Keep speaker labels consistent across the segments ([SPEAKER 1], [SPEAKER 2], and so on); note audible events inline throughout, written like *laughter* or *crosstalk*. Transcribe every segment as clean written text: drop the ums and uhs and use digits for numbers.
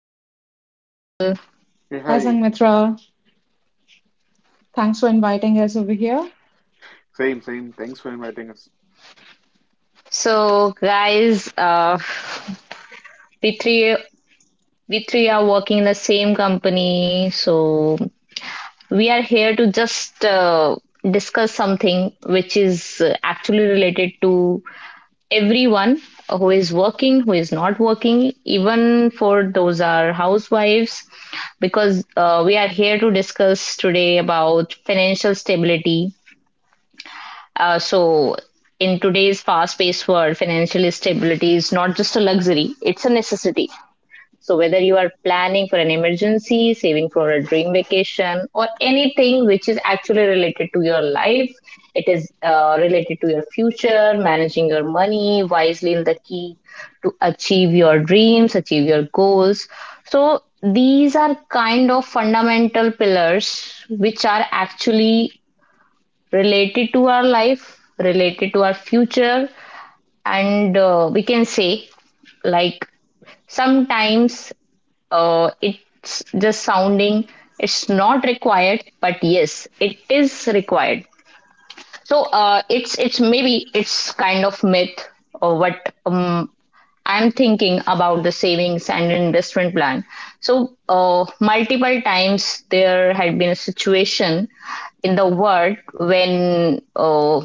[SPEAKER 1] Swati, hi Atul.
[SPEAKER 2] Hey,
[SPEAKER 3] Hi,
[SPEAKER 2] hi.
[SPEAKER 3] Sangmitra. Thanks for inviting us over here.
[SPEAKER 2] Same, same. Thanks for inviting us.
[SPEAKER 1] So guys, we three we three are working in the same company, so we are here to just discuss something which is actually related to everyone who is working, who is not working, even for those are housewives, because we are here to discuss today about financial stability. Uh, so, in today's fast paced world, financial stability is not just a luxury, it's a necessity. So, whether you are planning for an emergency, saving for a dream vacation, or anything which is actually related to your life, it is related to your future. Managing your money wisely is the key to achieve your dreams, achieve your goals. So, these are kind of fundamental pillars which are actually related to our life, related to our future, and we can say, like, sometimes it's just sounding it's not required, but yes, it is required. So it's maybe it's kind of myth or what. I'm thinking about the savings and investment plan. So multiple times there had been a situation in the world when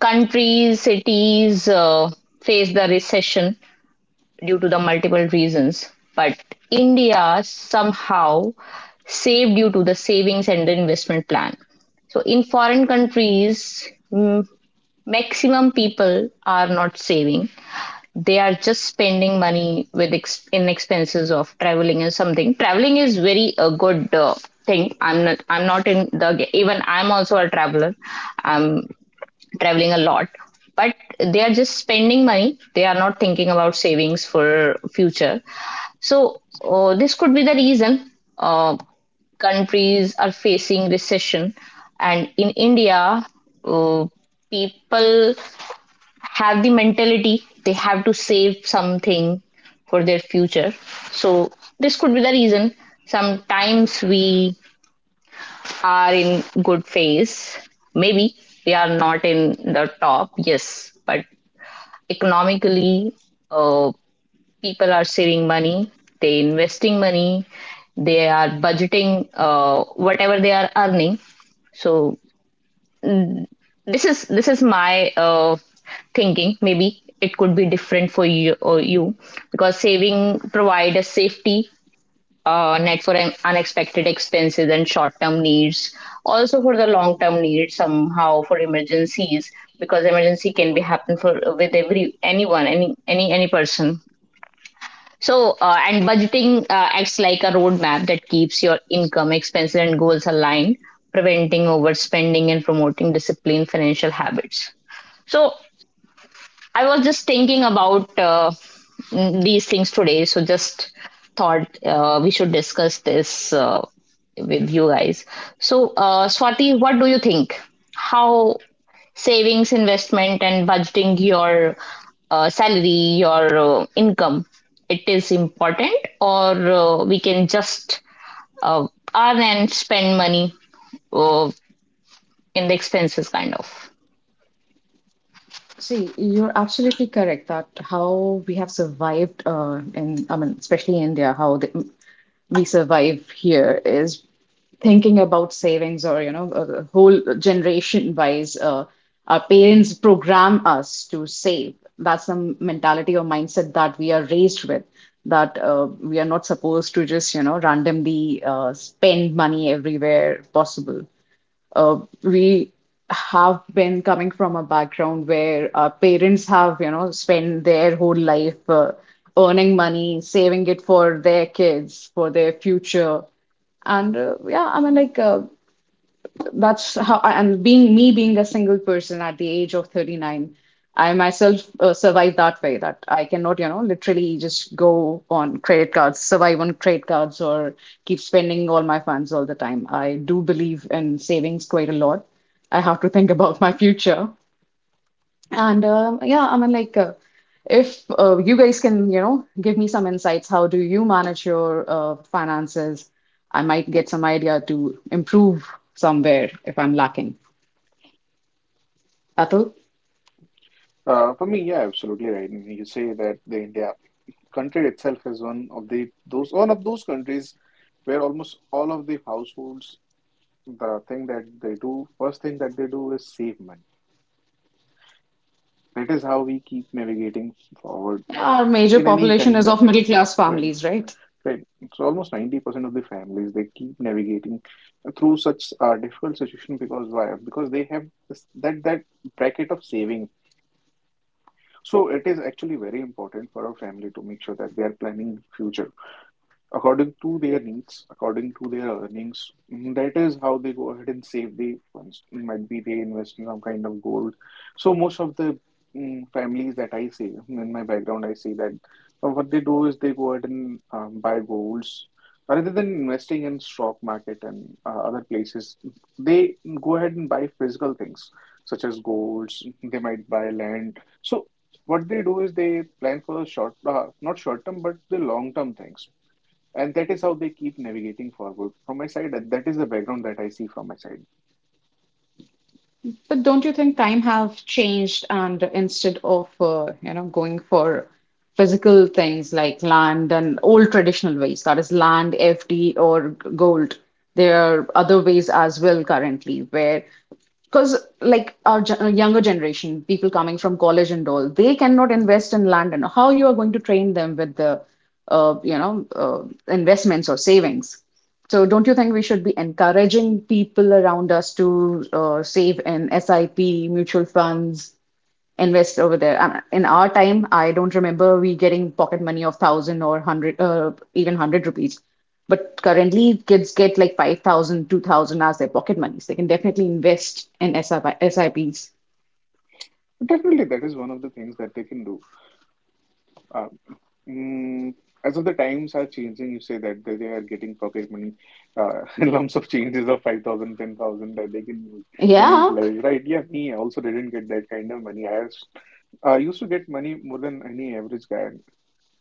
[SPEAKER 1] countries, cities face the recession due to the multiple reasons, but India somehow saved due to the savings and the investment plan. So in foreign countries, mm, maximum people are not saving. They are just spending money with in expenses of traveling and something. Traveling is very a good thing. I'm not. I'm not in the. Even I'm also a traveler. I'm traveling a lot, but they are just spending money, they are not thinking about savings for future. So this could be the reason uh, countries are facing recession. And in India, uh, people have the mentality they have to save something for their future. So this could be the reason. Sometimes we are in good phase, maybe we are not in the top, yes, but economically, uh, people are saving money, they investing money, they are budgeting whatever they are earning. So, mm, this is my thinking, maybe it could be different for you or you, because saving provide a safety net for unexpected expenses and short term needs, also for the long term needs, somehow for emergencies, because emergency can be happen for with every anyone any person. So and budgeting acts like a roadmap that keeps your income, expenses, and goals aligned, preventing overspending and promoting disciplined financial habits. So I was just thinking about these things today, so just thought we should discuss this with you guys. So, Swati, what do you think? How savings, investment, and budgeting your salary, your income, it is important, or we can just uh, earn and spend money uh, in the expenses, kind of.
[SPEAKER 3] See, you're absolutely correct that how we have survived in, I mean, especially in India, how the, we survive here is thinking about savings or, a whole generation wise, our parents program us to save. That's the mentality or mindset that we are raised with, that we are not supposed to just, randomly spend money everywhere possible. uh, we have been coming from a background where our parents have, spent their whole life earning money, saving it for their kids, for their future. And yeah, I mean, like, that's how. And being me being a single person at the age of 39, I myself survived that way that I cannot literally just go on credit cards, survive on credit cards, or keep spending all my funds all the time. I do believe in savings quite a lot. I have to think *laughs* about my future. And yeah, I mean, like, if you guys can give me some insights how do you manage your finances, I might get some idea to improve somewhere if I'm lacking. Atul?
[SPEAKER 2] For me, yeah, absolutely right. And you say that the India country itself is one of those countries where almost all of the households, the thing that they do, first thing that they do is save money. That is how we keep navigating forward
[SPEAKER 3] Our major
[SPEAKER 2] in any
[SPEAKER 3] population
[SPEAKER 2] kind
[SPEAKER 3] is
[SPEAKER 2] of
[SPEAKER 3] of middle class
[SPEAKER 2] trend.
[SPEAKER 3] families, right?
[SPEAKER 2] Right. So almost 90% of the families they keep navigating through such a difficult situation because why? Because they have this, that bracket of saving. So it is actually very important for our family to make sure that they are planning future according to their needs, according to their earnings. That is how they go ahead and save the funds. Might be they invest in some kind of gold. So most of the families that I see in my background, I see that what they do is they go ahead and buy golds. Rather than investing in stock market and other places, they go ahead and buy physical things such as golds. They might buy land. So what they do is they plan for the short, not short term, but the long term things, and that is how they keep navigating forward. From my side, that is the background that I see from my side.
[SPEAKER 3] But don't you think time have changed, and instead of going for physical things like land and old traditional ways, that is land, FD, or gold, there are other ways as well currently where, because like our younger generation people coming from college and all, they cannot invest in land. And how you are going to train them with the uh, you know uh, investments or savings? So don't you think we should be encouraging people around us to save in sip mutual funds, invest over there? In our time, I don't remember we getting pocket money of thousand or hundred, even hundred rupees. But currently, kids get like 5,000, 2,000 as their pocket money. So they can definitely invest in SIP, Ps.
[SPEAKER 2] Definitely, that is one of the things that they can do. Um, mm, as of the times are changing, you say that they are getting pocket money, *laughs* lumps of changes of 5,000, 10,000, that they can use and
[SPEAKER 3] Yeah.
[SPEAKER 2] utilize, right? Yeah, me, also didn't get that kind of money. I used to get money more than any average guy.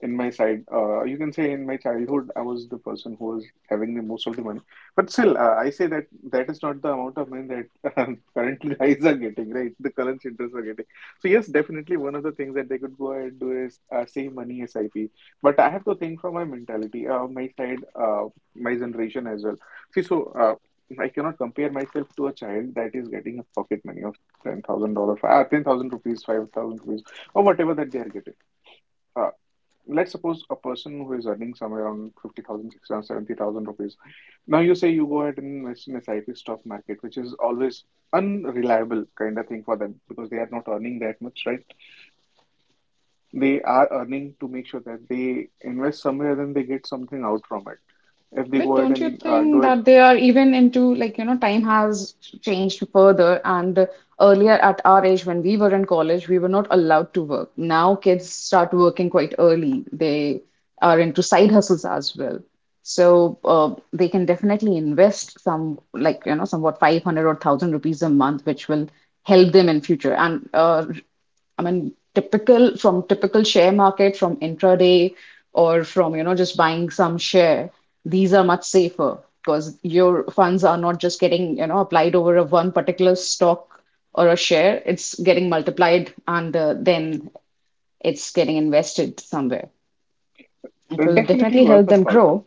[SPEAKER 2] In my side, you can say, in my childhood, I was the person who was having the most of the money. But still, I say that that is not the amount of money that *laughs* currently guys are getting, right? The current interest are getting. So yes, definitely one of the things that they could go ahead and do is save money SIP. But I have to think from my mentality, my side, my generation as well. See, so I cannot compare myself to a child that is getting a pocket money of $10,000, 10,000 rupees, 5,000 rupees, or whatever that they are getting. Uh, let's suppose a person who is earning somewhere around 50,000, 60,000, 70,000 rupees. Now you say you go ahead and invest in SIP stock market, which is always unreliable kind of thing for them because they are not earning that much, right? They are earning to make sure that they invest somewhere, then they get something out from it. If they
[SPEAKER 3] But
[SPEAKER 2] go ahead
[SPEAKER 3] don't you
[SPEAKER 2] and
[SPEAKER 3] think
[SPEAKER 2] do it,
[SPEAKER 3] that they are even into like, time has changed further, and earlier at our age when we were in college, we were not allowed to work. Now kids start working quite early. They are into side hustles as well. So they can definitely invest some like, somewhat 500 or 1,000 rupees a month, which will help them in future. And I mean, typical from typical share market, from intraday, or from, just buying some share, these are much safer because your funds are not just getting, applied over a one particular stock or a share. It's getting multiplied and then it's getting invested somewhere. It
[SPEAKER 2] then
[SPEAKER 3] will
[SPEAKER 2] definitely
[SPEAKER 3] definitely
[SPEAKER 2] worth
[SPEAKER 3] help
[SPEAKER 2] a
[SPEAKER 3] them
[SPEAKER 2] thought.
[SPEAKER 3] grow.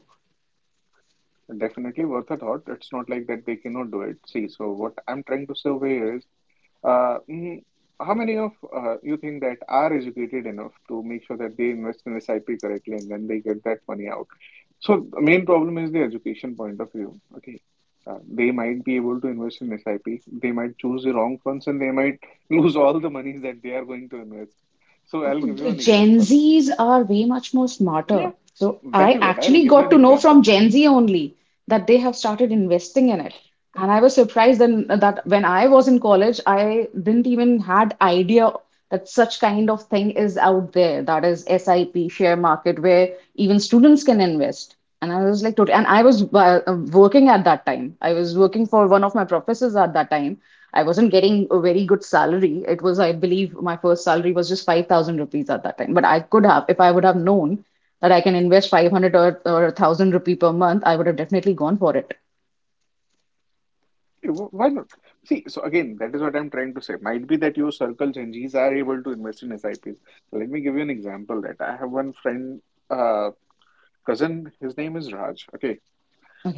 [SPEAKER 2] Definitely worth a thought. It's not like that they cannot do it. See, so what I'm trying to survey is Uh, mm, how many of you think that are educated enough to make sure that they invest in SIP correctly and then they get that money out? So the main problem is the education point of view. Okay, they might be able to invest in SIP. They might choose the wrong funds and they might *laughs* lose all the monies that they are going to invest. So I'll give you
[SPEAKER 3] The
[SPEAKER 2] an
[SPEAKER 3] Gen
[SPEAKER 2] example.
[SPEAKER 3] Zs are way much more smarter.
[SPEAKER 2] Yeah,
[SPEAKER 3] So
[SPEAKER 2] that
[SPEAKER 3] I
[SPEAKER 2] is what I'll
[SPEAKER 3] actually
[SPEAKER 2] give you
[SPEAKER 3] got
[SPEAKER 2] an
[SPEAKER 3] to know from
[SPEAKER 2] example.
[SPEAKER 3] Gen Z only that they have started investing in it. And I was surprised then that when I was in college, I didn't even had idea that such kind of thing is out there. That is SIP share market where even students can invest. And I was like, totally, and I was working at that time. I was working for one of my professors at that time. I wasn't getting a very good salary. It was, I believe, my first salary was just 5,000 rupees at that time. But I could have, if I would have known that I can invest 500 or 1,000 rupee per month, I would have definitely gone for it.
[SPEAKER 2] Yeah, why not? See, so again, that is what I'm trying to say. Might be that your circle changes are able to invest in S I SIPs. Let me give you an example that I have one friend, uh, cousin, his name is Raj. Okay.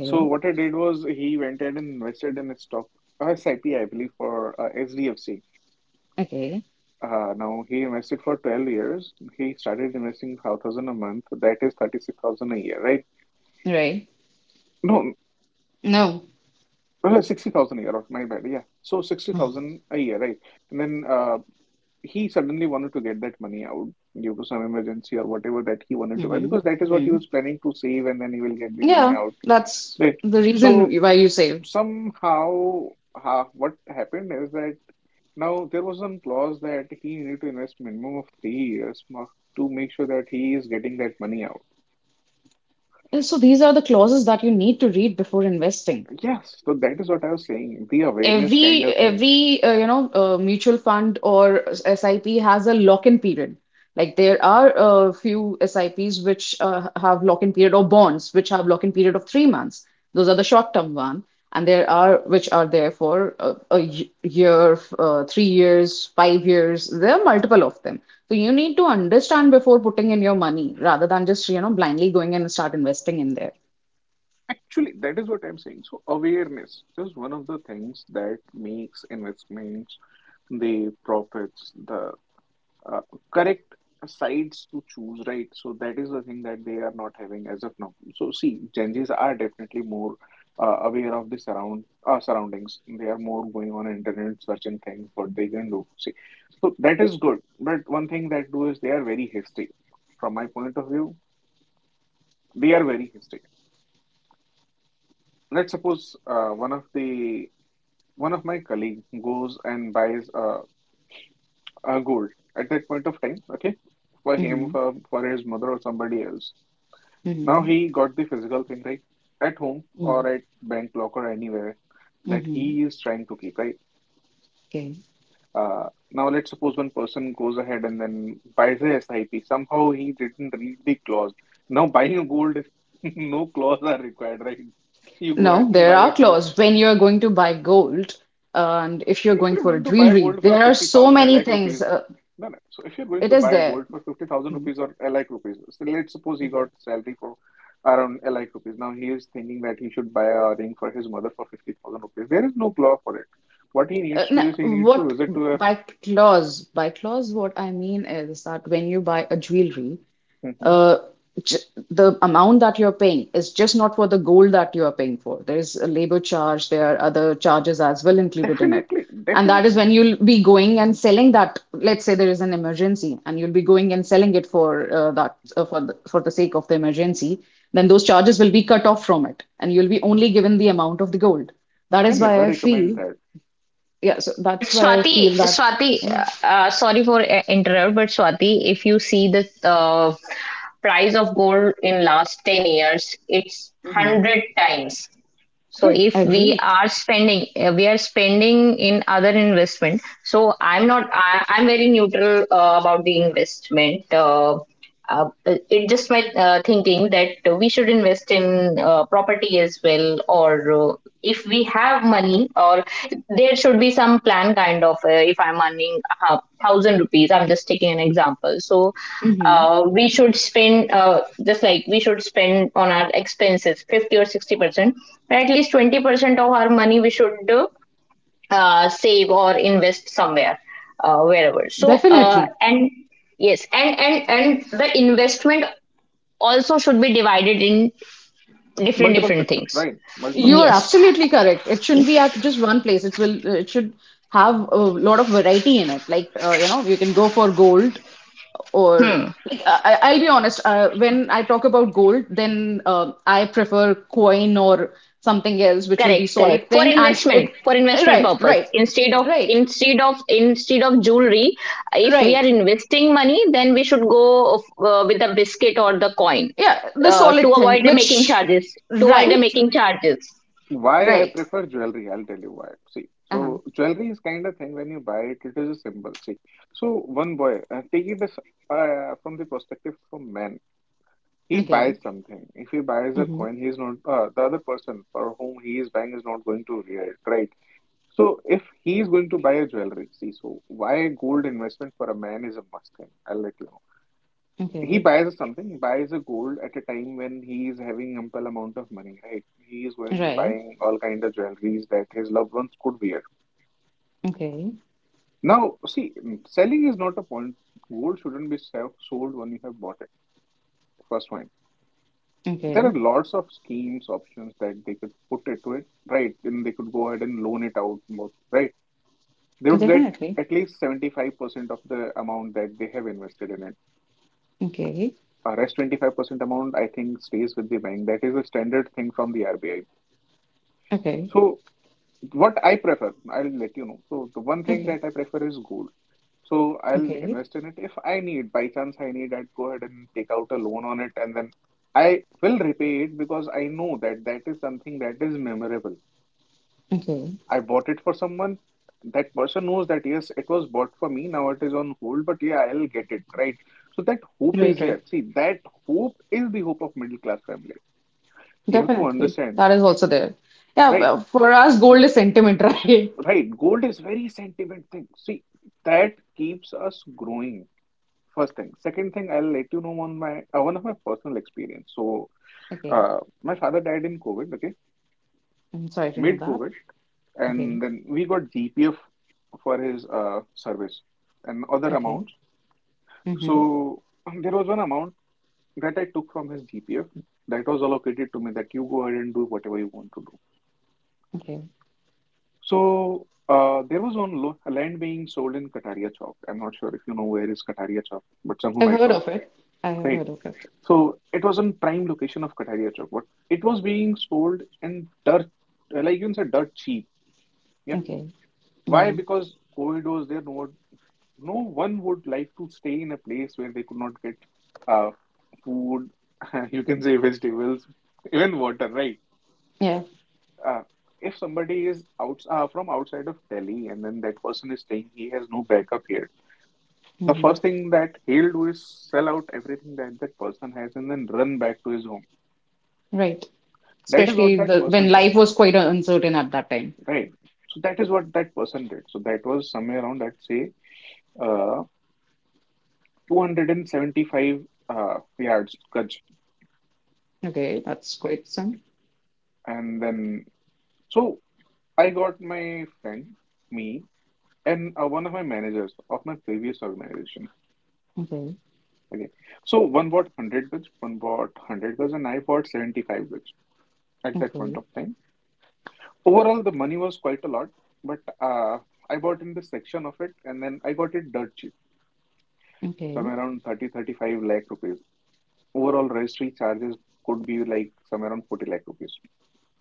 [SPEAKER 2] So what I did was he went ahead and invested in a stock, a SIP, believe, for SDFC.
[SPEAKER 3] Okay.
[SPEAKER 2] Now he invested for 12 years. He started investing 5,000 a month. That is 36,000 a year, right?
[SPEAKER 3] Right.
[SPEAKER 2] No,
[SPEAKER 3] No.
[SPEAKER 2] no, 60,000 a year, my bad. Yeah. So
[SPEAKER 3] *sighs*
[SPEAKER 2] 60,000 a year, right? And then he suddenly wanted to get that money out due to some emergency or whatever that he wanted to buy
[SPEAKER 3] Mm-hmm.
[SPEAKER 2] because that is what he
[SPEAKER 3] Hmm.
[SPEAKER 2] was planning to save and then he will get the money
[SPEAKER 3] Yeah,
[SPEAKER 2] out,
[SPEAKER 3] that's
[SPEAKER 2] right?
[SPEAKER 3] the reason
[SPEAKER 2] So
[SPEAKER 3] why you save.
[SPEAKER 2] somehow, what happened is that now there was some clause that he needed to invest minimum of 3 years to make sure that he is getting that money out.
[SPEAKER 3] And so these are the clauses that you need to read before investing.
[SPEAKER 2] Yes, so that is what I was saying, the awareness
[SPEAKER 3] every
[SPEAKER 2] kind of thing.
[SPEAKER 3] every mutual fund or SIP has a lock-in period. Like, there are a few SIPs which have lock-in period or bonds which have lock-in period of 3 months. Those are the short-term one, and there are which are there for a year, 3 years, 5 years. There are multiple of them. So you need to understand before putting in your money, rather than just blindly going and start investing in there.
[SPEAKER 2] Actually, that is what I'm saying. So awareness is one of the things that makes investments, the profits, the uh, correct sites to choose, right? So that is the thing that they are not having as of now. So see, Gen Zs are definitely more aware of the surroundings. They are more going on internet searching things what they can do. See, so that is good. But one thing that do is they are very hasty. From my point of view, they are very hasty. Let's suppose one of my colleague goes and buys a gold at that point of time. Okay, for him,
[SPEAKER 3] Mm-hmm.
[SPEAKER 2] for his mother or somebody else. Now
[SPEAKER 3] Mm-hmm.
[SPEAKER 2] he got the physical thing, right, at home or at bank locker, anywhere that
[SPEAKER 3] Mm-hmm.
[SPEAKER 2] he is trying to keep, right. Now let's suppose one person goes ahead and then buys a SIP. Somehow he didn't read the clause. Now buying a gold is *laughs* no clause are required, right? You go
[SPEAKER 3] No,
[SPEAKER 2] ahead and
[SPEAKER 3] there
[SPEAKER 2] buy a
[SPEAKER 3] are
[SPEAKER 2] gold.
[SPEAKER 3] clause when you're going to buy gold, and if you're
[SPEAKER 2] If
[SPEAKER 3] going
[SPEAKER 2] you're
[SPEAKER 3] for a
[SPEAKER 2] going to buy
[SPEAKER 3] jewelry,
[SPEAKER 2] gold for
[SPEAKER 3] there are so
[SPEAKER 2] 50,000, a
[SPEAKER 3] many
[SPEAKER 2] lakh
[SPEAKER 3] things.
[SPEAKER 2] rupees, no, no. So if you're going
[SPEAKER 3] It
[SPEAKER 2] to
[SPEAKER 3] is
[SPEAKER 2] buy
[SPEAKER 3] there.
[SPEAKER 2] gold for 50,000
[SPEAKER 3] Hmm.
[SPEAKER 2] rupees or a lakh rupees, so let's suppose he got salary for around a lakh rupees. Now he is thinking that he should buy a ring for his mother for 50,000 rupees. There is no law for it. What he needs to
[SPEAKER 3] No,
[SPEAKER 2] do is he needs to
[SPEAKER 3] what
[SPEAKER 2] visit to a.
[SPEAKER 3] by clause? By clause, what I mean is that when you buy a jewelry,
[SPEAKER 2] Mhm.
[SPEAKER 3] uh, j- the amount that you're paying is just not for the gold that you are paying for. There's a labor charge, there are other charges as well included in it.
[SPEAKER 2] Definitely,
[SPEAKER 3] And that is
[SPEAKER 2] definitely.
[SPEAKER 3] when you'll be going and selling that. Let's say there is an emergency, and you'll be going and selling it for that for the sake of the emergency. Then those charges will be cut off from it, and you'll be only given the amount of the gold. That
[SPEAKER 2] I
[SPEAKER 3] is why
[SPEAKER 2] never
[SPEAKER 3] I
[SPEAKER 2] recommend
[SPEAKER 3] feel,
[SPEAKER 2] that.
[SPEAKER 3] yeah. So
[SPEAKER 1] But
[SPEAKER 3] that's why I
[SPEAKER 1] Swati,
[SPEAKER 3] feel that,
[SPEAKER 1] Swati,
[SPEAKER 3] yeah.
[SPEAKER 1] uh, uh, sorry for interrupt, but Swati, if you see the price of gold in last 10 years, it's
[SPEAKER 3] Mhm.
[SPEAKER 1] 100 times. So
[SPEAKER 2] Right.
[SPEAKER 1] if we
[SPEAKER 3] Agreed.
[SPEAKER 1] are spending, we are spending in other investment. So I'm not, I, I'm very neutral about the investment. It just my thinking that we should invest in property as well, or if we have money, or there should be some plan kind of. If I'm earning 1,000 rupees, I'm just taking an example. So
[SPEAKER 3] Hmm.
[SPEAKER 1] we should spend just like we should spend on our expenses 50 or 60%, but at least 20% of our money we should save or invest somewhere wherever. So
[SPEAKER 3] Definitely.
[SPEAKER 1] and yes, and the investment also should be divided in different
[SPEAKER 2] Multiple
[SPEAKER 1] different
[SPEAKER 2] sections,
[SPEAKER 1] things.
[SPEAKER 2] right? Multiple
[SPEAKER 3] You are
[SPEAKER 1] Yes.
[SPEAKER 2] sections.
[SPEAKER 3] absolutely correct. It shouldn't be at just one place. It should have a lot of variety in it. Like, you can go for gold, or
[SPEAKER 1] hmm
[SPEAKER 3] like I'll be honest, when I talk about gold, then I prefer coin or something else which will
[SPEAKER 1] Correct,
[SPEAKER 3] be solid
[SPEAKER 1] correct.
[SPEAKER 3] thing. And it.
[SPEAKER 1] For investment
[SPEAKER 3] Right,
[SPEAKER 1] purpose.
[SPEAKER 3] right,
[SPEAKER 1] Instead of
[SPEAKER 3] right,
[SPEAKER 1] instead of instead of jewelry, if we are
[SPEAKER 3] right.
[SPEAKER 1] investing money, then we should go with the biscuit or the coin
[SPEAKER 3] Yeah, the
[SPEAKER 1] to
[SPEAKER 3] solid thing
[SPEAKER 1] avoid the making
[SPEAKER 3] which.
[SPEAKER 1] charges. To avoid the
[SPEAKER 3] Right,
[SPEAKER 2] So
[SPEAKER 1] making charges.
[SPEAKER 2] why I
[SPEAKER 3] right.
[SPEAKER 2] prefer jewelry, I'll tell you why. See,
[SPEAKER 3] Uh-huh.
[SPEAKER 2] so jewelry is kind of thing when you buy it, it is a symbol. See, so one boy, take it as, from the perspective of a man. He
[SPEAKER 3] Okay.
[SPEAKER 2] buys something. If he buys a
[SPEAKER 3] Mm-hmm.
[SPEAKER 2] coin, he's not, the other person for whom he is buying is not going to wear it, right? So if he is going to buy a jewelry, see, so why gold investment for a man is a must thing. I'll let you know, he
[SPEAKER 3] Okay.
[SPEAKER 2] buys something, he buys a gold at a time when he is having ample amount of money, right? He is going
[SPEAKER 3] Right.
[SPEAKER 2] buying all kind of jewelries that his loved ones could wear.
[SPEAKER 3] Okay.
[SPEAKER 2] Now, see, selling is not a point. Gold shouldn't be sold when you have bought it. First one. There are
[SPEAKER 3] Okay.
[SPEAKER 2] lots of schemes, options that they could put into it, right? Then they could go ahead and loan it out more, right? They would get
[SPEAKER 3] Definitely.
[SPEAKER 2] at least 75% of the amount that they have invested in it.
[SPEAKER 3] Okay,
[SPEAKER 2] Rest 25% amount, I think, stays with the bank. That is a standard thing from the RBI.
[SPEAKER 3] okay,
[SPEAKER 2] So what I prefer, I'll let you know. So the one thing
[SPEAKER 3] okay,
[SPEAKER 2] that I prefer is gold. So I'll
[SPEAKER 3] okay,
[SPEAKER 2] invest in it if I need, by chance I need, I'd go ahead and take out a loan on it and then I will repay it because I know that that is something that is memorable.
[SPEAKER 3] okay.
[SPEAKER 2] I bought it for someone. That person knows that yes, it was bought for me. Now it is on hold, but yeah, I'll get it, right? So that hope
[SPEAKER 3] Right,
[SPEAKER 2] is
[SPEAKER 3] right.
[SPEAKER 2] there. See, that hope is the hope of middle class family. You have to
[SPEAKER 3] Definitely.
[SPEAKER 2] understand.
[SPEAKER 3] That is also there. Yeah,
[SPEAKER 2] Right.
[SPEAKER 3] but for us, gold is sentiment, *laughs* right?
[SPEAKER 2] Right, gold is very sentiment thing. See, that keeps us growing. First thing. Second thing, I'll let you know on my one of my personal experience. So,
[SPEAKER 3] Okay.
[SPEAKER 2] my father died in COVID, okay,
[SPEAKER 3] I'm sorry to know that.
[SPEAKER 2] mid-COVID,
[SPEAKER 3] Okay,
[SPEAKER 2] and then we got GPF for his service and other
[SPEAKER 3] okay,
[SPEAKER 2] amounts.
[SPEAKER 3] mm-hmm,
[SPEAKER 2] So there was one amount that I took from his GPF that was allocated to me that you go ahead and do whatever you want to do.
[SPEAKER 3] okay.
[SPEAKER 2] So there was one lo land being sold in Kataria Chowk. I'm not sure if you know where is Kataria Chowk, but some who
[SPEAKER 3] I've
[SPEAKER 2] might
[SPEAKER 3] heard
[SPEAKER 2] know,
[SPEAKER 3] of it. I have
[SPEAKER 2] right?
[SPEAKER 3] heard of it.
[SPEAKER 2] So it was on prime location of Kataria Chowk, but it was being sold in dirt, like you can say, dirt cheap. Yeah.
[SPEAKER 3] Okay.
[SPEAKER 2] Why?
[SPEAKER 3] Mm-hmm.
[SPEAKER 2] Because COVID was there. No one would like to stay in a place where they could not get uh, food. *laughs* You can say vegetables, even water, right?
[SPEAKER 3] Yeah.
[SPEAKER 2] uh, if somebody is out from outside of Delhi and then that person is saying he has no backup here, the
[SPEAKER 3] Mm-hmm.
[SPEAKER 2] first thing that he'll do is sell out everything that that person has and then run back to his home.
[SPEAKER 3] Right.
[SPEAKER 2] That is what
[SPEAKER 3] Especially
[SPEAKER 2] that
[SPEAKER 3] the when
[SPEAKER 2] person
[SPEAKER 3] life
[SPEAKER 2] did,
[SPEAKER 3] was quite uncertain at that time.
[SPEAKER 2] right? So that is what that person did. So that was somewhere around, let's say, uh, 275 yards, Gaj,
[SPEAKER 3] Okay, that's
[SPEAKER 2] right?
[SPEAKER 3] quite some.
[SPEAKER 2] And then, so I got my friend, me, and one of my managers of my previous organization.
[SPEAKER 3] Okay,
[SPEAKER 2] Okay. So one bought 100 goods, one bought 100 goods, and I bought 75 goods at that point
[SPEAKER 3] okay,
[SPEAKER 2] of time. Overall, the money was quite a lot, but I bought in this section of it, and then I got it dirt cheap,
[SPEAKER 3] okay,
[SPEAKER 2] somewhere around 30 35 lakh rupees. Overall, registry charges could be like somewhere around 40 lakh rupees.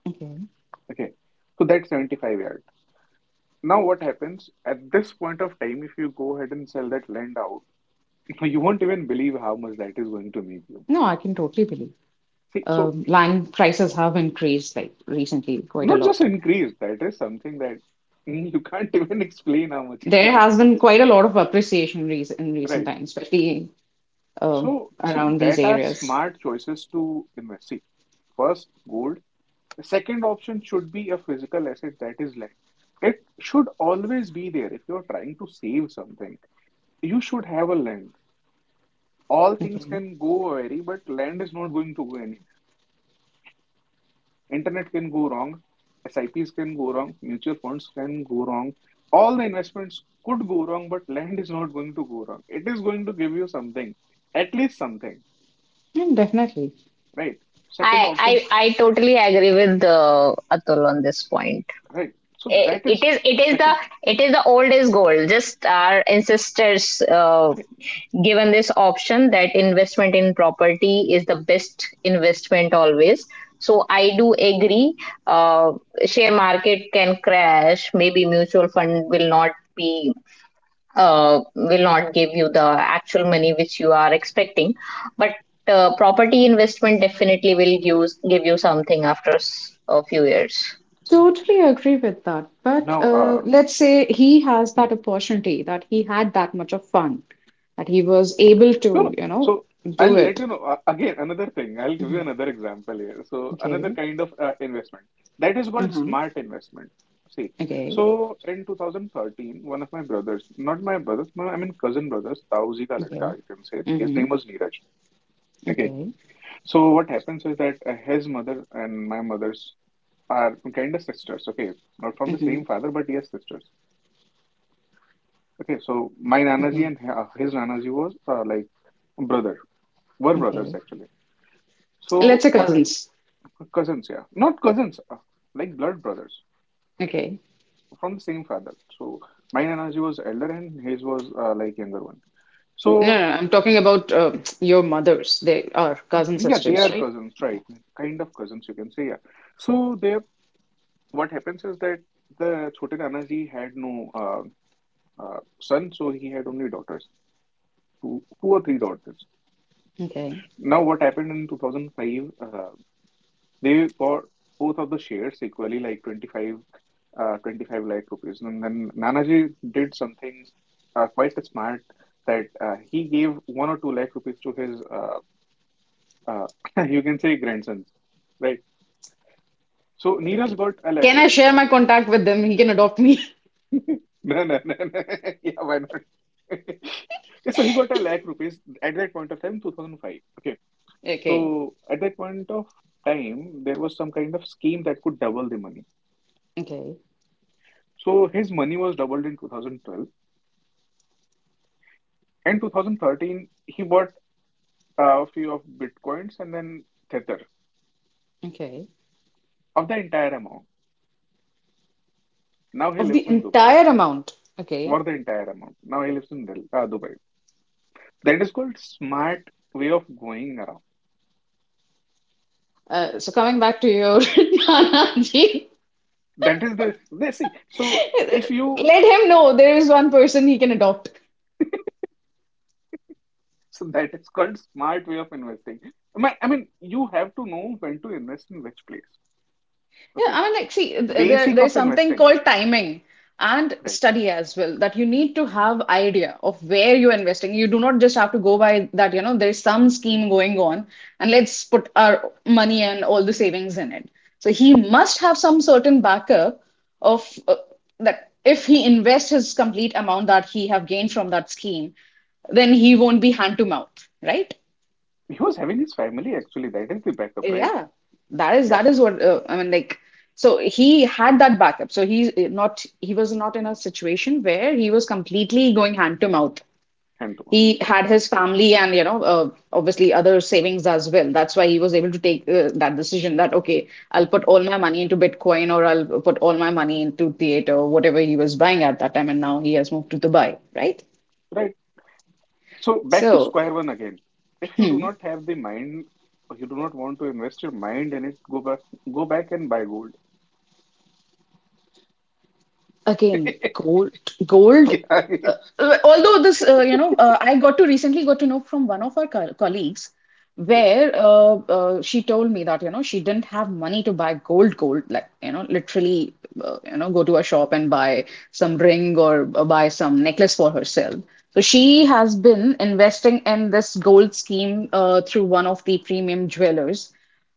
[SPEAKER 3] okay.
[SPEAKER 2] Okay. So that's 75 yard. Now, what happens at this point of time, if you go ahead and sell that land out, *laughs* you won't even believe how much that is going to make you.
[SPEAKER 3] No, I can totally believe.
[SPEAKER 2] See, so
[SPEAKER 3] Land prices have increased like recently quite a
[SPEAKER 2] not just
[SPEAKER 3] lot.
[SPEAKER 2] increased, that is something that *laughs* you can't *laughs* even explain how much it
[SPEAKER 3] There
[SPEAKER 2] has
[SPEAKER 3] has been
[SPEAKER 2] increased.
[SPEAKER 3] quite a lot of appreciation in recent
[SPEAKER 2] Right.
[SPEAKER 3] times, especially um
[SPEAKER 2] So, see,
[SPEAKER 3] around these
[SPEAKER 2] that are
[SPEAKER 3] areas.
[SPEAKER 2] smart choices to invest. See, first, gold. The second option should be a physical asset that is land. It should always be there. If you're trying to save something, you should have a land. All things
[SPEAKER 3] Okay.
[SPEAKER 2] can go away, but land is not going to go. Internet can go wrong, SIPs can go wrong, mutual funds can go wrong. All the investments could go wrong, but land is not going to go wrong. It is going to give you something, at least something,
[SPEAKER 3] And definitely.
[SPEAKER 2] right? Second option,
[SPEAKER 1] I totally agree with Atul on this point.
[SPEAKER 2] right? So
[SPEAKER 1] Eh,
[SPEAKER 2] that
[SPEAKER 1] It
[SPEAKER 2] is
[SPEAKER 1] is it
[SPEAKER 2] the
[SPEAKER 1] is the
[SPEAKER 2] second.
[SPEAKER 1] it is the old is gold. Just our ancestors.
[SPEAKER 2] Right?
[SPEAKER 1] Given this option that investment in property is the best investment always, so I do agree. uh, Share market can crash, maybe mutual fund will not be will not give you the actual money which you are expecting, but property investment definitely will give, give you something after a few years.
[SPEAKER 3] Totally agree with that. But
[SPEAKER 2] Now,
[SPEAKER 3] let's say he has
[SPEAKER 2] hmm.
[SPEAKER 3] that opportunity, that he had that much of fun, that he was able
[SPEAKER 2] No,
[SPEAKER 3] to,
[SPEAKER 2] no. So
[SPEAKER 3] do
[SPEAKER 2] I'll let
[SPEAKER 3] it.
[SPEAKER 2] you know. Again, another thing. I'll give you
[SPEAKER 3] Mhm.
[SPEAKER 2] another example here. So another
[SPEAKER 3] Okay.
[SPEAKER 2] kind of investment that is called
[SPEAKER 3] Uh-huh.
[SPEAKER 2] smart investment. See,
[SPEAKER 3] Okay.
[SPEAKER 2] so in 2013, one of my brothers, not my brother, my, I mean cousin brothers, Tauzi ka ladka,
[SPEAKER 3] Okay.
[SPEAKER 2] you can say. His
[SPEAKER 3] Mm-hmm.
[SPEAKER 2] name was Neeraj. Okay.
[SPEAKER 3] Okay.
[SPEAKER 2] So what happens is that his mother and my mother's are kind of sisters. Okay, not from the same
[SPEAKER 3] Mm-hmm.
[SPEAKER 2] father, but yes, sisters. Okay. So my Nanaji
[SPEAKER 3] Okay.
[SPEAKER 2] and his Nanaji was like brother, were brothers
[SPEAKER 3] Okay.
[SPEAKER 2] actually.
[SPEAKER 3] Let's
[SPEAKER 2] So
[SPEAKER 3] say
[SPEAKER 2] what happened?
[SPEAKER 3] cousins.
[SPEAKER 2] Cousins, yeah. Not cousins, like blood brothers
[SPEAKER 3] Okay.
[SPEAKER 2] from the same father. So my Nanaji was elder and his was like younger one.
[SPEAKER 3] No,
[SPEAKER 2] So
[SPEAKER 3] no, no, I'm talking about your mothers. They are cousin
[SPEAKER 2] yeah, they
[SPEAKER 3] sisters,
[SPEAKER 2] are
[SPEAKER 3] right?
[SPEAKER 2] cousins,
[SPEAKER 3] Yeah.
[SPEAKER 2] right? Kind of cousins, you can say, yeah. So they, what happens is that the Chote Nanaji had no son, so he had only daughters, two or three daughters.
[SPEAKER 3] Okay.
[SPEAKER 2] Now what happened in 2005, they got both of the shares equally, like 25 lakh rupees. And then Nanaji did something quite smart, that he gave one or two lakh rupees to his, uh, *laughs* you can say, grandsons, right? So Neeraj got a lakh
[SPEAKER 3] Can I
[SPEAKER 2] rupees
[SPEAKER 3] share
[SPEAKER 2] that
[SPEAKER 3] my contact with them? He can adopt me. *laughs*
[SPEAKER 2] year. *laughs* No, no, no, no. *laughs* Yeah, why not? *laughs* So he got a lakh rupees at that point of time, 2005. Okay.
[SPEAKER 3] Okay.
[SPEAKER 2] So at that point of time, there was some kind of scheme that could double the money.
[SPEAKER 3] Okay.
[SPEAKER 2] So his money was doubled in 2012. And 2013, he bought a few of bitcoins and then Tether
[SPEAKER 3] Okay.
[SPEAKER 2] of the entire amount. Now he
[SPEAKER 3] Of
[SPEAKER 2] lives
[SPEAKER 3] the
[SPEAKER 2] in Dubai
[SPEAKER 3] entire amount. Okay.
[SPEAKER 2] for the entire amount. Now he lives in Dubai. That is called smart way of going around.
[SPEAKER 3] So coming back to your *laughs* Nanaji,
[SPEAKER 2] That is this. They see. So if you
[SPEAKER 3] let him know there is one person he can adopt.
[SPEAKER 2] so that is called smart way of investing. I mean, you have to know when to invest in which place.
[SPEAKER 3] Yeah,
[SPEAKER 2] Okay,
[SPEAKER 3] I mean, like, see, th- there
[SPEAKER 2] basic
[SPEAKER 3] there's
[SPEAKER 2] of
[SPEAKER 3] something
[SPEAKER 2] investing.
[SPEAKER 3] called timing and
[SPEAKER 2] Right.
[SPEAKER 3] study as well, that you need to have idea of where you're investing. You do not just have to go by that, there's some scheme going on and let's put our money and all the savings in it. So he must have some certain backup of that if he invests his complete amount that he have gained from that scheme, then he won't be hand to mouth, right?
[SPEAKER 2] He was having his family actually. That is the backup, right?
[SPEAKER 3] Yeah, that is
[SPEAKER 2] Yeah,
[SPEAKER 3] that is what I mean. Like, so he had that backup. So he was not in a situation where he was completely going hand to mouth.
[SPEAKER 2] hand to mouth.
[SPEAKER 3] He had his family and obviously other savings as well. That's why he was able to take that decision that okay, I'll put all my money into Bitcoin, or I'll put all my money into theater, whatever he was buying at that time. And now he has moved to Dubai, right?
[SPEAKER 2] Right. So back to
[SPEAKER 3] So.
[SPEAKER 2] square one again. If you do
[SPEAKER 3] Hmm.
[SPEAKER 2] not have the mind, or you do not want to invest your mind in it, go back and buy gold.
[SPEAKER 3] Again,
[SPEAKER 2] *laughs*
[SPEAKER 3] gold, gold.
[SPEAKER 2] Yeah, I
[SPEAKER 3] Uh,
[SPEAKER 2] mean,
[SPEAKER 3] although this, I got to recently got to know from one of our colleagues,
[SPEAKER 2] yeah.
[SPEAKER 3] where she told me that, she didn't have money to buy gold, like, literally, go to a shop and buy some ring or buy some necklace for herself. So she
[SPEAKER 2] Mhm.
[SPEAKER 3] has been investing in this gold scheme through one of the premium jewelers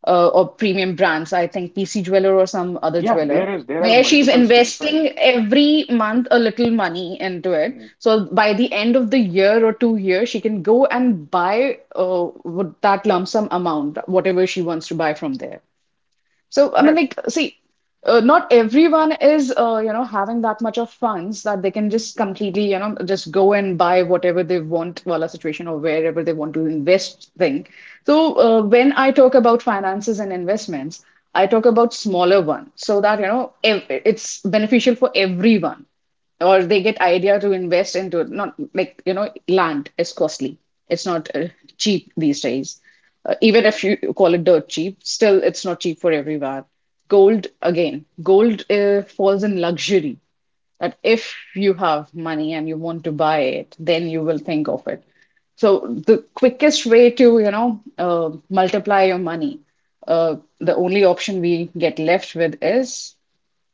[SPEAKER 3] or premium brands, I think PC Jeweler or some other
[SPEAKER 2] Yeah,
[SPEAKER 3] jeweler,
[SPEAKER 2] there is, there are
[SPEAKER 3] where she's
[SPEAKER 2] multiple schemes, right?
[SPEAKER 3] investing every month a little money into it.
[SPEAKER 2] Mm.
[SPEAKER 3] So by the end of the year or 2 years, she can go and buy with that lump sum amount, whatever she wants to buy from there. So, I mean,
[SPEAKER 2] Yeah,
[SPEAKER 3] like, see, not everyone is, having that much of funds that they can just completely, just go and buy whatever they want, while a situation or wherever they want to invest thing. So, when I talk about finances and investments, I talk about smaller one so that, you know, ev it's beneficial for everyone or they get idea to invest into it. Not like, you know, land is costly. It's not cheap these days. Even if you call it dirt cheap, still it's not cheap for everywhere. Gold, again, gold falls in luxury. That if you have money and you want to buy it, then you will think of it. So the quickest way to, you know, multiply your money, the only option we get left with is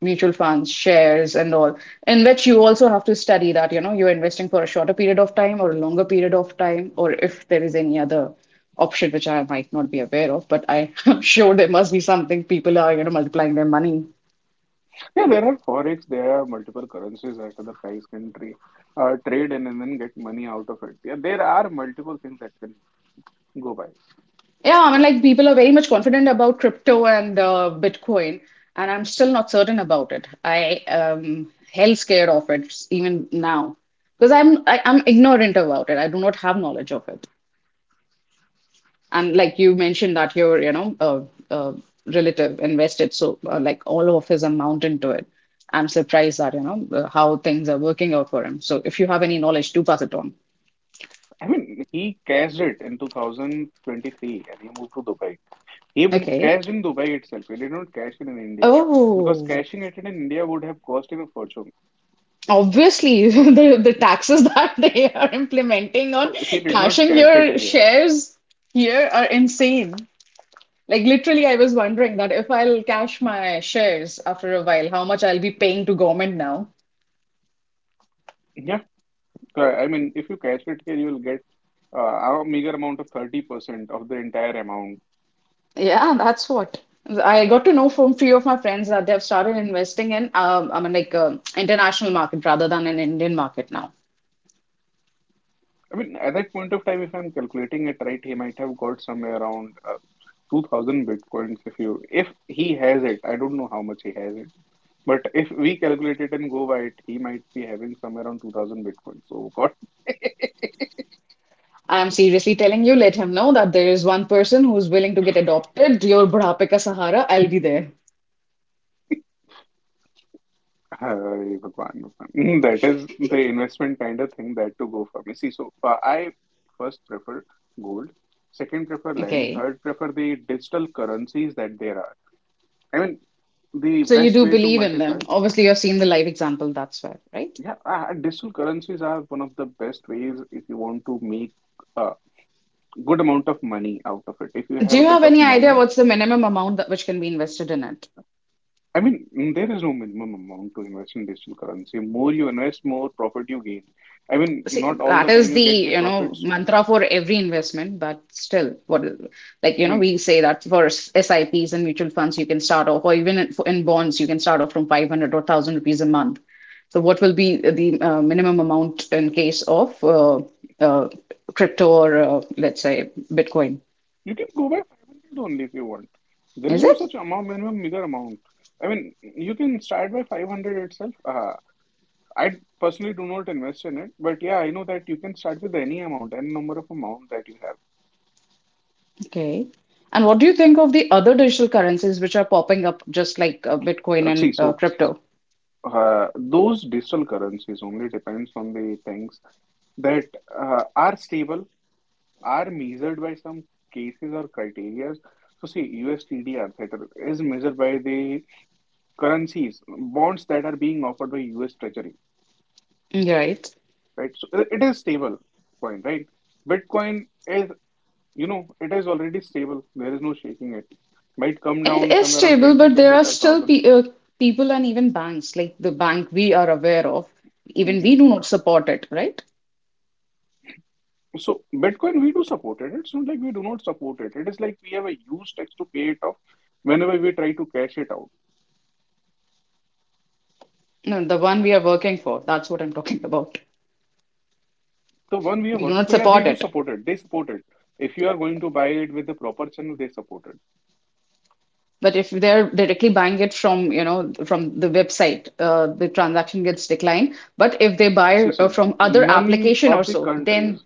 [SPEAKER 3] mutual funds, shares, and all, in which you also have to study that, you know, you're investing for a shorter period of time or a longer period of time, or if there is any other option which I might not be aware of, but I *laughs* am sure there must be something people are, you know, multiplying their money.
[SPEAKER 2] yeah, there are forex, there are multiple currencies that other guys can trade, trade in and then get money out of it. Yeah, there are multiple things that can go by.
[SPEAKER 3] Yeah, I mean,
[SPEAKER 2] Yeah,
[SPEAKER 3] like people are very much confident about crypto and Bitcoin, and I'm still not certain about it. I am hell scared of it even now because I'm ignorant about it. I do not have knowledge of it. And like you mentioned that your, you know, uh, relative invested so like all of his amount into it. I'm surprised that, you know, how things are working out for him. So if you have any knowledge, do pass it on.
[SPEAKER 2] I mean, he cashed it in 2023 and he moved to Dubai. He
[SPEAKER 3] Okay.
[SPEAKER 2] cashed in Dubai itself. He did not cash in India because
[SPEAKER 3] Oh,
[SPEAKER 2] cashing it in India would have cost him a fortune.
[SPEAKER 3] obviously *laughs* the taxes *laughs* that they are implementing on
[SPEAKER 2] So he did not
[SPEAKER 3] cashing
[SPEAKER 2] cash it in
[SPEAKER 3] your
[SPEAKER 2] here.
[SPEAKER 3] shares here are insane. Like literally, I was wondering that if I'll cash my shares after a while, how much I'll be paying to government now.
[SPEAKER 2] Yeah, so, I mean, if you cash it here, you will get a meager amount of 30% of the entire amount.
[SPEAKER 3] Yeah, that's what I
[SPEAKER 2] Yeah,
[SPEAKER 3] got to know from few of my friends that they've started investing in, I mean, like international market rather than an Indian market now.
[SPEAKER 2] I mean, at that point of time, if I'm calculating it right, he might have got somewhere around 2000 bitcoins if he has it. I don't know how much he has it. But if we calculate it and go by it, he might be having somewhere around 2000 bitcoins. So, God. *laughs*
[SPEAKER 3] I am seriously telling you, let him know that there is one person who's willing to get adopted. Your Budhape Ka Sahara, I'll be there.
[SPEAKER 2] Hey, Bhagwan, Bhagwan. That is the investment kind of thing that to go for me. See, so I first prefer gold, second prefer land,
[SPEAKER 3] Okay.
[SPEAKER 2] third prefer the digital currencies that there are. I mean, the
[SPEAKER 3] So you
[SPEAKER 2] best
[SPEAKER 3] do
[SPEAKER 2] way to
[SPEAKER 3] believe in them.
[SPEAKER 2] multiply,
[SPEAKER 3] Obviously, you've seen the live example, that's why, right?
[SPEAKER 2] yeah, digital currencies are one of the best ways if you want to make a good amount of money out of it. If you
[SPEAKER 3] Do
[SPEAKER 2] have a
[SPEAKER 3] you
[SPEAKER 2] bit
[SPEAKER 3] have
[SPEAKER 2] of
[SPEAKER 3] any idea
[SPEAKER 2] money,
[SPEAKER 3] what's the minimum amount that which can be invested in it?
[SPEAKER 2] I mean, there is no minimum amount to invest in digital currency. More you invest, more profit you gain. I mean,
[SPEAKER 3] See,
[SPEAKER 2] not all
[SPEAKER 3] that
[SPEAKER 2] the time
[SPEAKER 3] is
[SPEAKER 2] you
[SPEAKER 3] the,
[SPEAKER 2] get the
[SPEAKER 3] you know,
[SPEAKER 2] profits.
[SPEAKER 3] mantra for every investment, but still, what, like, you
[SPEAKER 2] I
[SPEAKER 3] know,
[SPEAKER 2] mean,
[SPEAKER 3] we say that for SIPs and mutual funds, you can start off, or even in bonds, you can start off from 500 or 1,000 rupees a month. So, what will be the minimum amount in case of uh, crypto or, let's say, Bitcoin?
[SPEAKER 2] you can go by 500 only if you want. There is
[SPEAKER 3] Is
[SPEAKER 2] no
[SPEAKER 3] it?
[SPEAKER 2] such amount, minimum, meager amount. I mean, you can start by 500 itself. I personally do not invest in it, but yeah, I know that you can start with any amount, any number of amount that you have.
[SPEAKER 3] Okay. And what do you think of the other digital currencies which are popping up just like Bitcoin
[SPEAKER 2] See,
[SPEAKER 3] and
[SPEAKER 2] so
[SPEAKER 3] crypto?
[SPEAKER 2] those digital currencies only depends on the things that are stable, are measured by some cases or criteria. So see, USTDR that is measured by the currencies, bonds that are being offered by US Treasury.
[SPEAKER 3] Right.
[SPEAKER 2] Right? So it is stable coin, right? Bitcoin is, you know, it is already stable. There is no shaking it. Might come
[SPEAKER 3] It
[SPEAKER 2] down
[SPEAKER 3] is
[SPEAKER 2] somewhere around
[SPEAKER 3] stable,
[SPEAKER 2] 20,
[SPEAKER 3] but there
[SPEAKER 2] twenty
[SPEAKER 3] are
[SPEAKER 2] five
[SPEAKER 3] still
[SPEAKER 2] thousand.
[SPEAKER 3] pe people and even banks, like the bank we are aware of, even we
[SPEAKER 2] 25,000.
[SPEAKER 3] do not support it, right?
[SPEAKER 2] So Bitcoin, we do support it. It's not like we do not support it. It is like we have a use tax to pay it off whenever we try to cash it out.
[SPEAKER 3] No, the one we are working for, that's what I'm talking about.
[SPEAKER 2] The one we are
[SPEAKER 3] We do
[SPEAKER 2] working
[SPEAKER 3] not
[SPEAKER 2] for, yeah, they
[SPEAKER 3] support
[SPEAKER 2] do
[SPEAKER 3] it.
[SPEAKER 2] support it. They support it. If you are going to buy it with the proper channel, they support it.
[SPEAKER 3] But if they're directly buying it from, you know, from the website, the transaction gets declined. But if they buy
[SPEAKER 2] See, so
[SPEAKER 3] from other
[SPEAKER 2] none
[SPEAKER 3] application or
[SPEAKER 2] of the
[SPEAKER 3] so, then
[SPEAKER 2] countries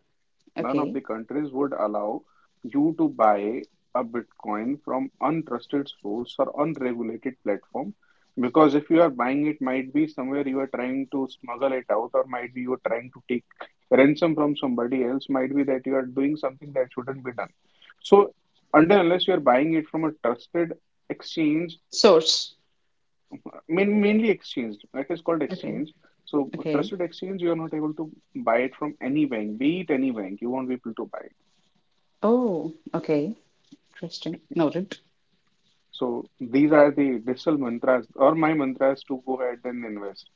[SPEAKER 2] None of
[SPEAKER 3] okay,
[SPEAKER 2] the countries would allow you to buy a Bitcoin from untrusted source or unregulated platform, because if you are buying it, might be somewhere you are trying to smuggle it out, or might be you are trying to take ransom from somebody else, might be that you are doing something that shouldn't be done. So, until unless you are buying it from a trusted exchange,
[SPEAKER 3] source.
[SPEAKER 2] mainly exchange, that is called
[SPEAKER 3] Okay,
[SPEAKER 2] exchange. So,
[SPEAKER 3] okay.
[SPEAKER 2] trusted exchange, you are not able to buy it from any bank, be it any bank, you won't be able to buy.
[SPEAKER 3] Oh, okay. Interesting. Noted.
[SPEAKER 2] So these are the digital mantras or my mantras to go ahead and invest.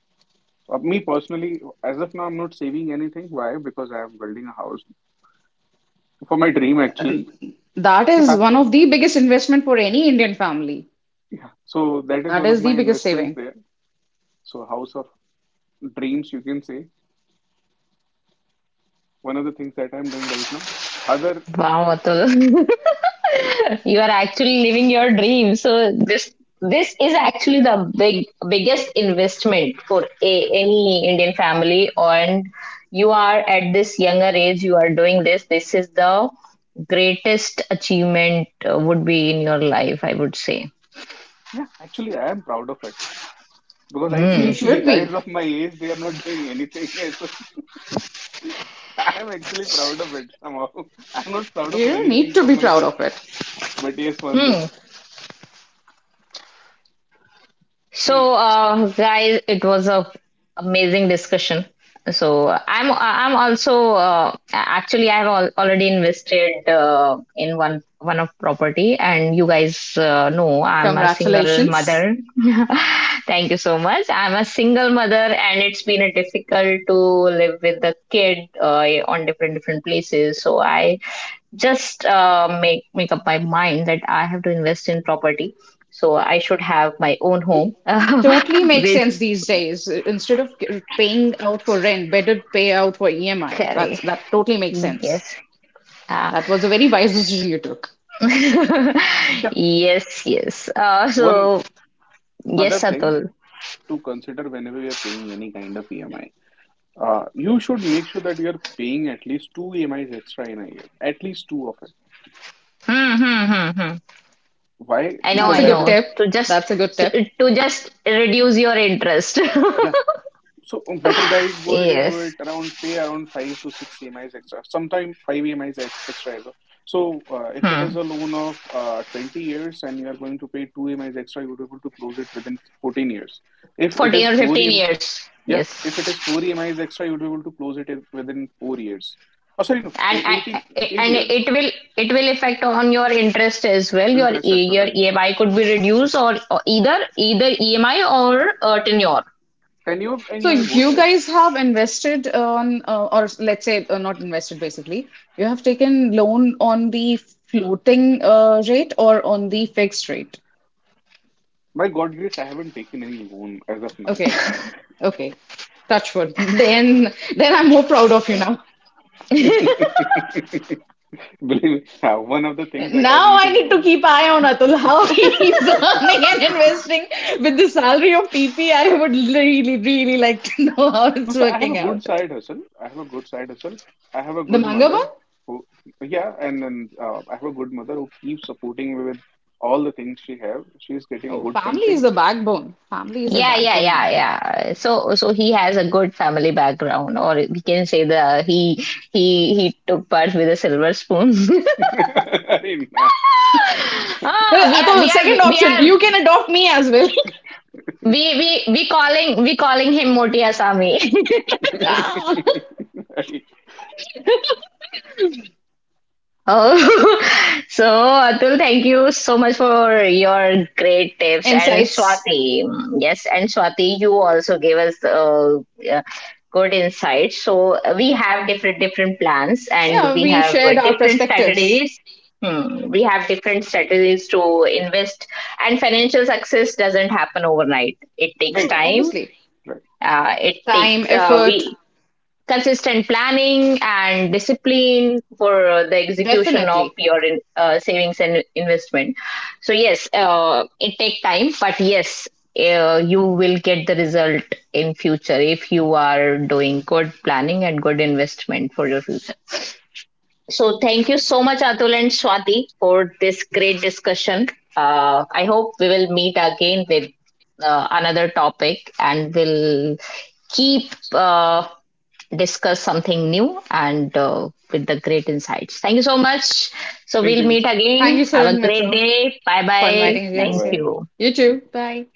[SPEAKER 2] Me personally, as of now, I'm not saving anything. Why? Because I am building a house for my dream, actually.
[SPEAKER 3] That
[SPEAKER 2] *laughs*
[SPEAKER 3] is
[SPEAKER 2] Yeah,
[SPEAKER 3] one of the biggest investment for any Indian family.
[SPEAKER 2] yeah. So that is
[SPEAKER 3] That
[SPEAKER 2] one of
[SPEAKER 3] is the
[SPEAKER 2] my
[SPEAKER 3] biggest
[SPEAKER 2] investments
[SPEAKER 3] saving.
[SPEAKER 2] there. So house of dreams, you can say. One of the things that I'm doing right now. Other,
[SPEAKER 1] Wow, Atul. *laughs* You are actually living your dream. So this is actually the biggest investment for a, any Indian family. And you are at this younger age, you are doing this. This is the greatest achievement would be in your life, I would say.
[SPEAKER 2] yeah, actually, I am proud of it because I
[SPEAKER 3] You
[SPEAKER 2] see *laughs*
[SPEAKER 1] Mm.
[SPEAKER 2] the
[SPEAKER 3] should
[SPEAKER 2] guys
[SPEAKER 3] be.
[SPEAKER 2] of my age, they are not doing anything. *laughs* So I'm actually proud of it somehow. *laughs* I'm not proud of
[SPEAKER 3] You
[SPEAKER 2] many
[SPEAKER 3] need
[SPEAKER 2] things
[SPEAKER 3] to
[SPEAKER 2] of
[SPEAKER 3] be proud
[SPEAKER 2] myself,
[SPEAKER 3] of it.
[SPEAKER 2] but yes, one
[SPEAKER 1] Hmm.
[SPEAKER 2] this.
[SPEAKER 1] So, guys, it was a amazing discussion. So, I'm also actually already invested in one one of property, and you guys know I'm a single
[SPEAKER 3] Congratulations.
[SPEAKER 1] mother. *laughs* Thank you so much. I'm a single mother, and it's been a difficult to live with the kid on different different places. So I just make up my mind that I have to invest in property. So I should have my own
[SPEAKER 3] It
[SPEAKER 1] home. *laughs*
[SPEAKER 3] totally makes
[SPEAKER 1] With
[SPEAKER 3] sense these days. Instead of paying out for rent, better pay out for EMI.
[SPEAKER 1] yes,
[SPEAKER 3] That totally makes sense.
[SPEAKER 1] uh,
[SPEAKER 3] That was a very wise
[SPEAKER 1] *laughs*
[SPEAKER 3] decision you took.
[SPEAKER 2] Yeah.
[SPEAKER 1] yes, yes. Uh,
[SPEAKER 2] One
[SPEAKER 1] so
[SPEAKER 2] other
[SPEAKER 1] yes,
[SPEAKER 2] thing
[SPEAKER 1] Atul.
[SPEAKER 2] to consider whenever you're paying any kind of EMI, you should make sure that you're paying at least two EMIs extra in a year, at least two of it.
[SPEAKER 1] Hmm, hmm, hmm, hmm.
[SPEAKER 2] Why?
[SPEAKER 1] I know,
[SPEAKER 3] That's
[SPEAKER 2] Because
[SPEAKER 3] a
[SPEAKER 1] I
[SPEAKER 3] good
[SPEAKER 2] that is,
[SPEAKER 1] know.
[SPEAKER 3] tip.
[SPEAKER 1] To just
[SPEAKER 3] That's a good tip.
[SPEAKER 1] to just reduce your interest.
[SPEAKER 2] yeah. So better guys
[SPEAKER 1] *laughs*
[SPEAKER 2] go ahead and do
[SPEAKER 1] Yes.
[SPEAKER 2] it around, pay around five to six EMIs extra, sometimes five EMIs ex extra as well. So if it is
[SPEAKER 1] Hmm.
[SPEAKER 2] a loan of 20 years and you are going to pay two EMIs extra, you would be able to close it within 14 years. If it
[SPEAKER 1] 14
[SPEAKER 2] is
[SPEAKER 1] or
[SPEAKER 2] four
[SPEAKER 1] fifteen
[SPEAKER 2] EMI.
[SPEAKER 1] years.
[SPEAKER 2] Yeah,
[SPEAKER 1] Yes.
[SPEAKER 2] if it is 4 EMIs extra, you'd be able to close it within 4 years. Oh, sorry, no,
[SPEAKER 1] and
[SPEAKER 2] 18,
[SPEAKER 1] and
[SPEAKER 2] 8
[SPEAKER 1] and
[SPEAKER 2] years.
[SPEAKER 1] it will affect on your interest as well, your
[SPEAKER 2] Interest as well,
[SPEAKER 1] Your
[SPEAKER 2] right?
[SPEAKER 1] EMI could be reduced, or either EMI or tenure.
[SPEAKER 2] Tenure and
[SPEAKER 3] So
[SPEAKER 2] EMI both
[SPEAKER 3] you
[SPEAKER 2] has.
[SPEAKER 3] guys have invested on, or let's say not invested basically, you have taken loan on the floating rate or on the fixed rate.
[SPEAKER 2] By God grace, I haven't taken any loan as of now.
[SPEAKER 3] Okay. Okay, touch wood. *laughs* Then I'm more proud of you now.
[SPEAKER 2] *laughs*
[SPEAKER 1] *laughs*
[SPEAKER 2] Believe me, yeah, one of the things that I
[SPEAKER 3] Now
[SPEAKER 2] hate
[SPEAKER 3] I
[SPEAKER 2] is
[SPEAKER 3] need to
[SPEAKER 2] loan.
[SPEAKER 3] keep eye on Atul, how *laughs* he's earning and
[SPEAKER 2] *laughs*
[SPEAKER 3] investing with the salary of TP. I would really, really like to know *laughs* how
[SPEAKER 2] No,
[SPEAKER 3] it's
[SPEAKER 2] sir, I have a
[SPEAKER 3] working
[SPEAKER 2] good
[SPEAKER 3] out.
[SPEAKER 2] side hustle. I have a good side hustle. I have a
[SPEAKER 3] The
[SPEAKER 2] good
[SPEAKER 3] manga one?
[SPEAKER 2] mother who, yeah, and then I have a good mother who keeps supporting me with all the things she have. She's getting
[SPEAKER 3] Oh,
[SPEAKER 2] good
[SPEAKER 3] family is
[SPEAKER 2] pension.
[SPEAKER 3] the backbone. Family is the
[SPEAKER 1] Yeah, yeah,
[SPEAKER 3] backbone.
[SPEAKER 1] yeah,
[SPEAKER 3] Man.
[SPEAKER 1] yeah. So so he has a good family background, or we can say the he he took part with a silver spoon. *laughs*
[SPEAKER 2] *laughs* I didn't know.
[SPEAKER 1] Ah, we are we
[SPEAKER 3] Atul,
[SPEAKER 1] are
[SPEAKER 3] second
[SPEAKER 1] we
[SPEAKER 3] option,
[SPEAKER 1] are
[SPEAKER 3] you can adopt me as well. *laughs*
[SPEAKER 1] we calling we calling him Moti Asami. *laughs*
[SPEAKER 3] Ah,
[SPEAKER 2] Right,
[SPEAKER 1] Oh, *laughs* so Atul, thank you so much for your great tips. And
[SPEAKER 3] insights.
[SPEAKER 1] Swati, mm, yes, and Swati, you also gave us uh, good insights. So we have different different plans, and
[SPEAKER 3] Yeah,
[SPEAKER 1] we
[SPEAKER 3] we
[SPEAKER 1] have
[SPEAKER 3] shared our
[SPEAKER 1] different
[SPEAKER 3] perspectives.
[SPEAKER 1] strategies. Hmm, we have different strategies to invest, and financial success doesn't happen overnight. It takes
[SPEAKER 2] right.
[SPEAKER 3] Yeah,
[SPEAKER 1] time.
[SPEAKER 3] obviously.
[SPEAKER 2] *laughs*
[SPEAKER 1] It
[SPEAKER 3] Time,
[SPEAKER 1] takes
[SPEAKER 3] effort,
[SPEAKER 1] we consistent planning and discipline for the execution of
[SPEAKER 3] definitely.
[SPEAKER 1] your savings and investment. So yes, it take time, but yes, you will get the result in future if you are doing good planning and good investment for your future. So thank you so much, Atul and Swati, for this great discussion. I hope we will meet again with another topic, and we'll keep discuss something new and with the great insights. Thank you so much. So
[SPEAKER 2] Thank
[SPEAKER 1] we'll
[SPEAKER 2] you.
[SPEAKER 1] meet
[SPEAKER 3] Thank
[SPEAKER 1] again.
[SPEAKER 3] you,
[SPEAKER 1] Have
[SPEAKER 3] Sarang
[SPEAKER 1] a great
[SPEAKER 3] Mitra,
[SPEAKER 1] day. Bye
[SPEAKER 3] for
[SPEAKER 1] bye.
[SPEAKER 3] inviting
[SPEAKER 2] Bye
[SPEAKER 1] Thank
[SPEAKER 3] us. Yeah.
[SPEAKER 2] bye.
[SPEAKER 1] you.
[SPEAKER 3] You too.
[SPEAKER 2] *laughs*
[SPEAKER 3] Bye.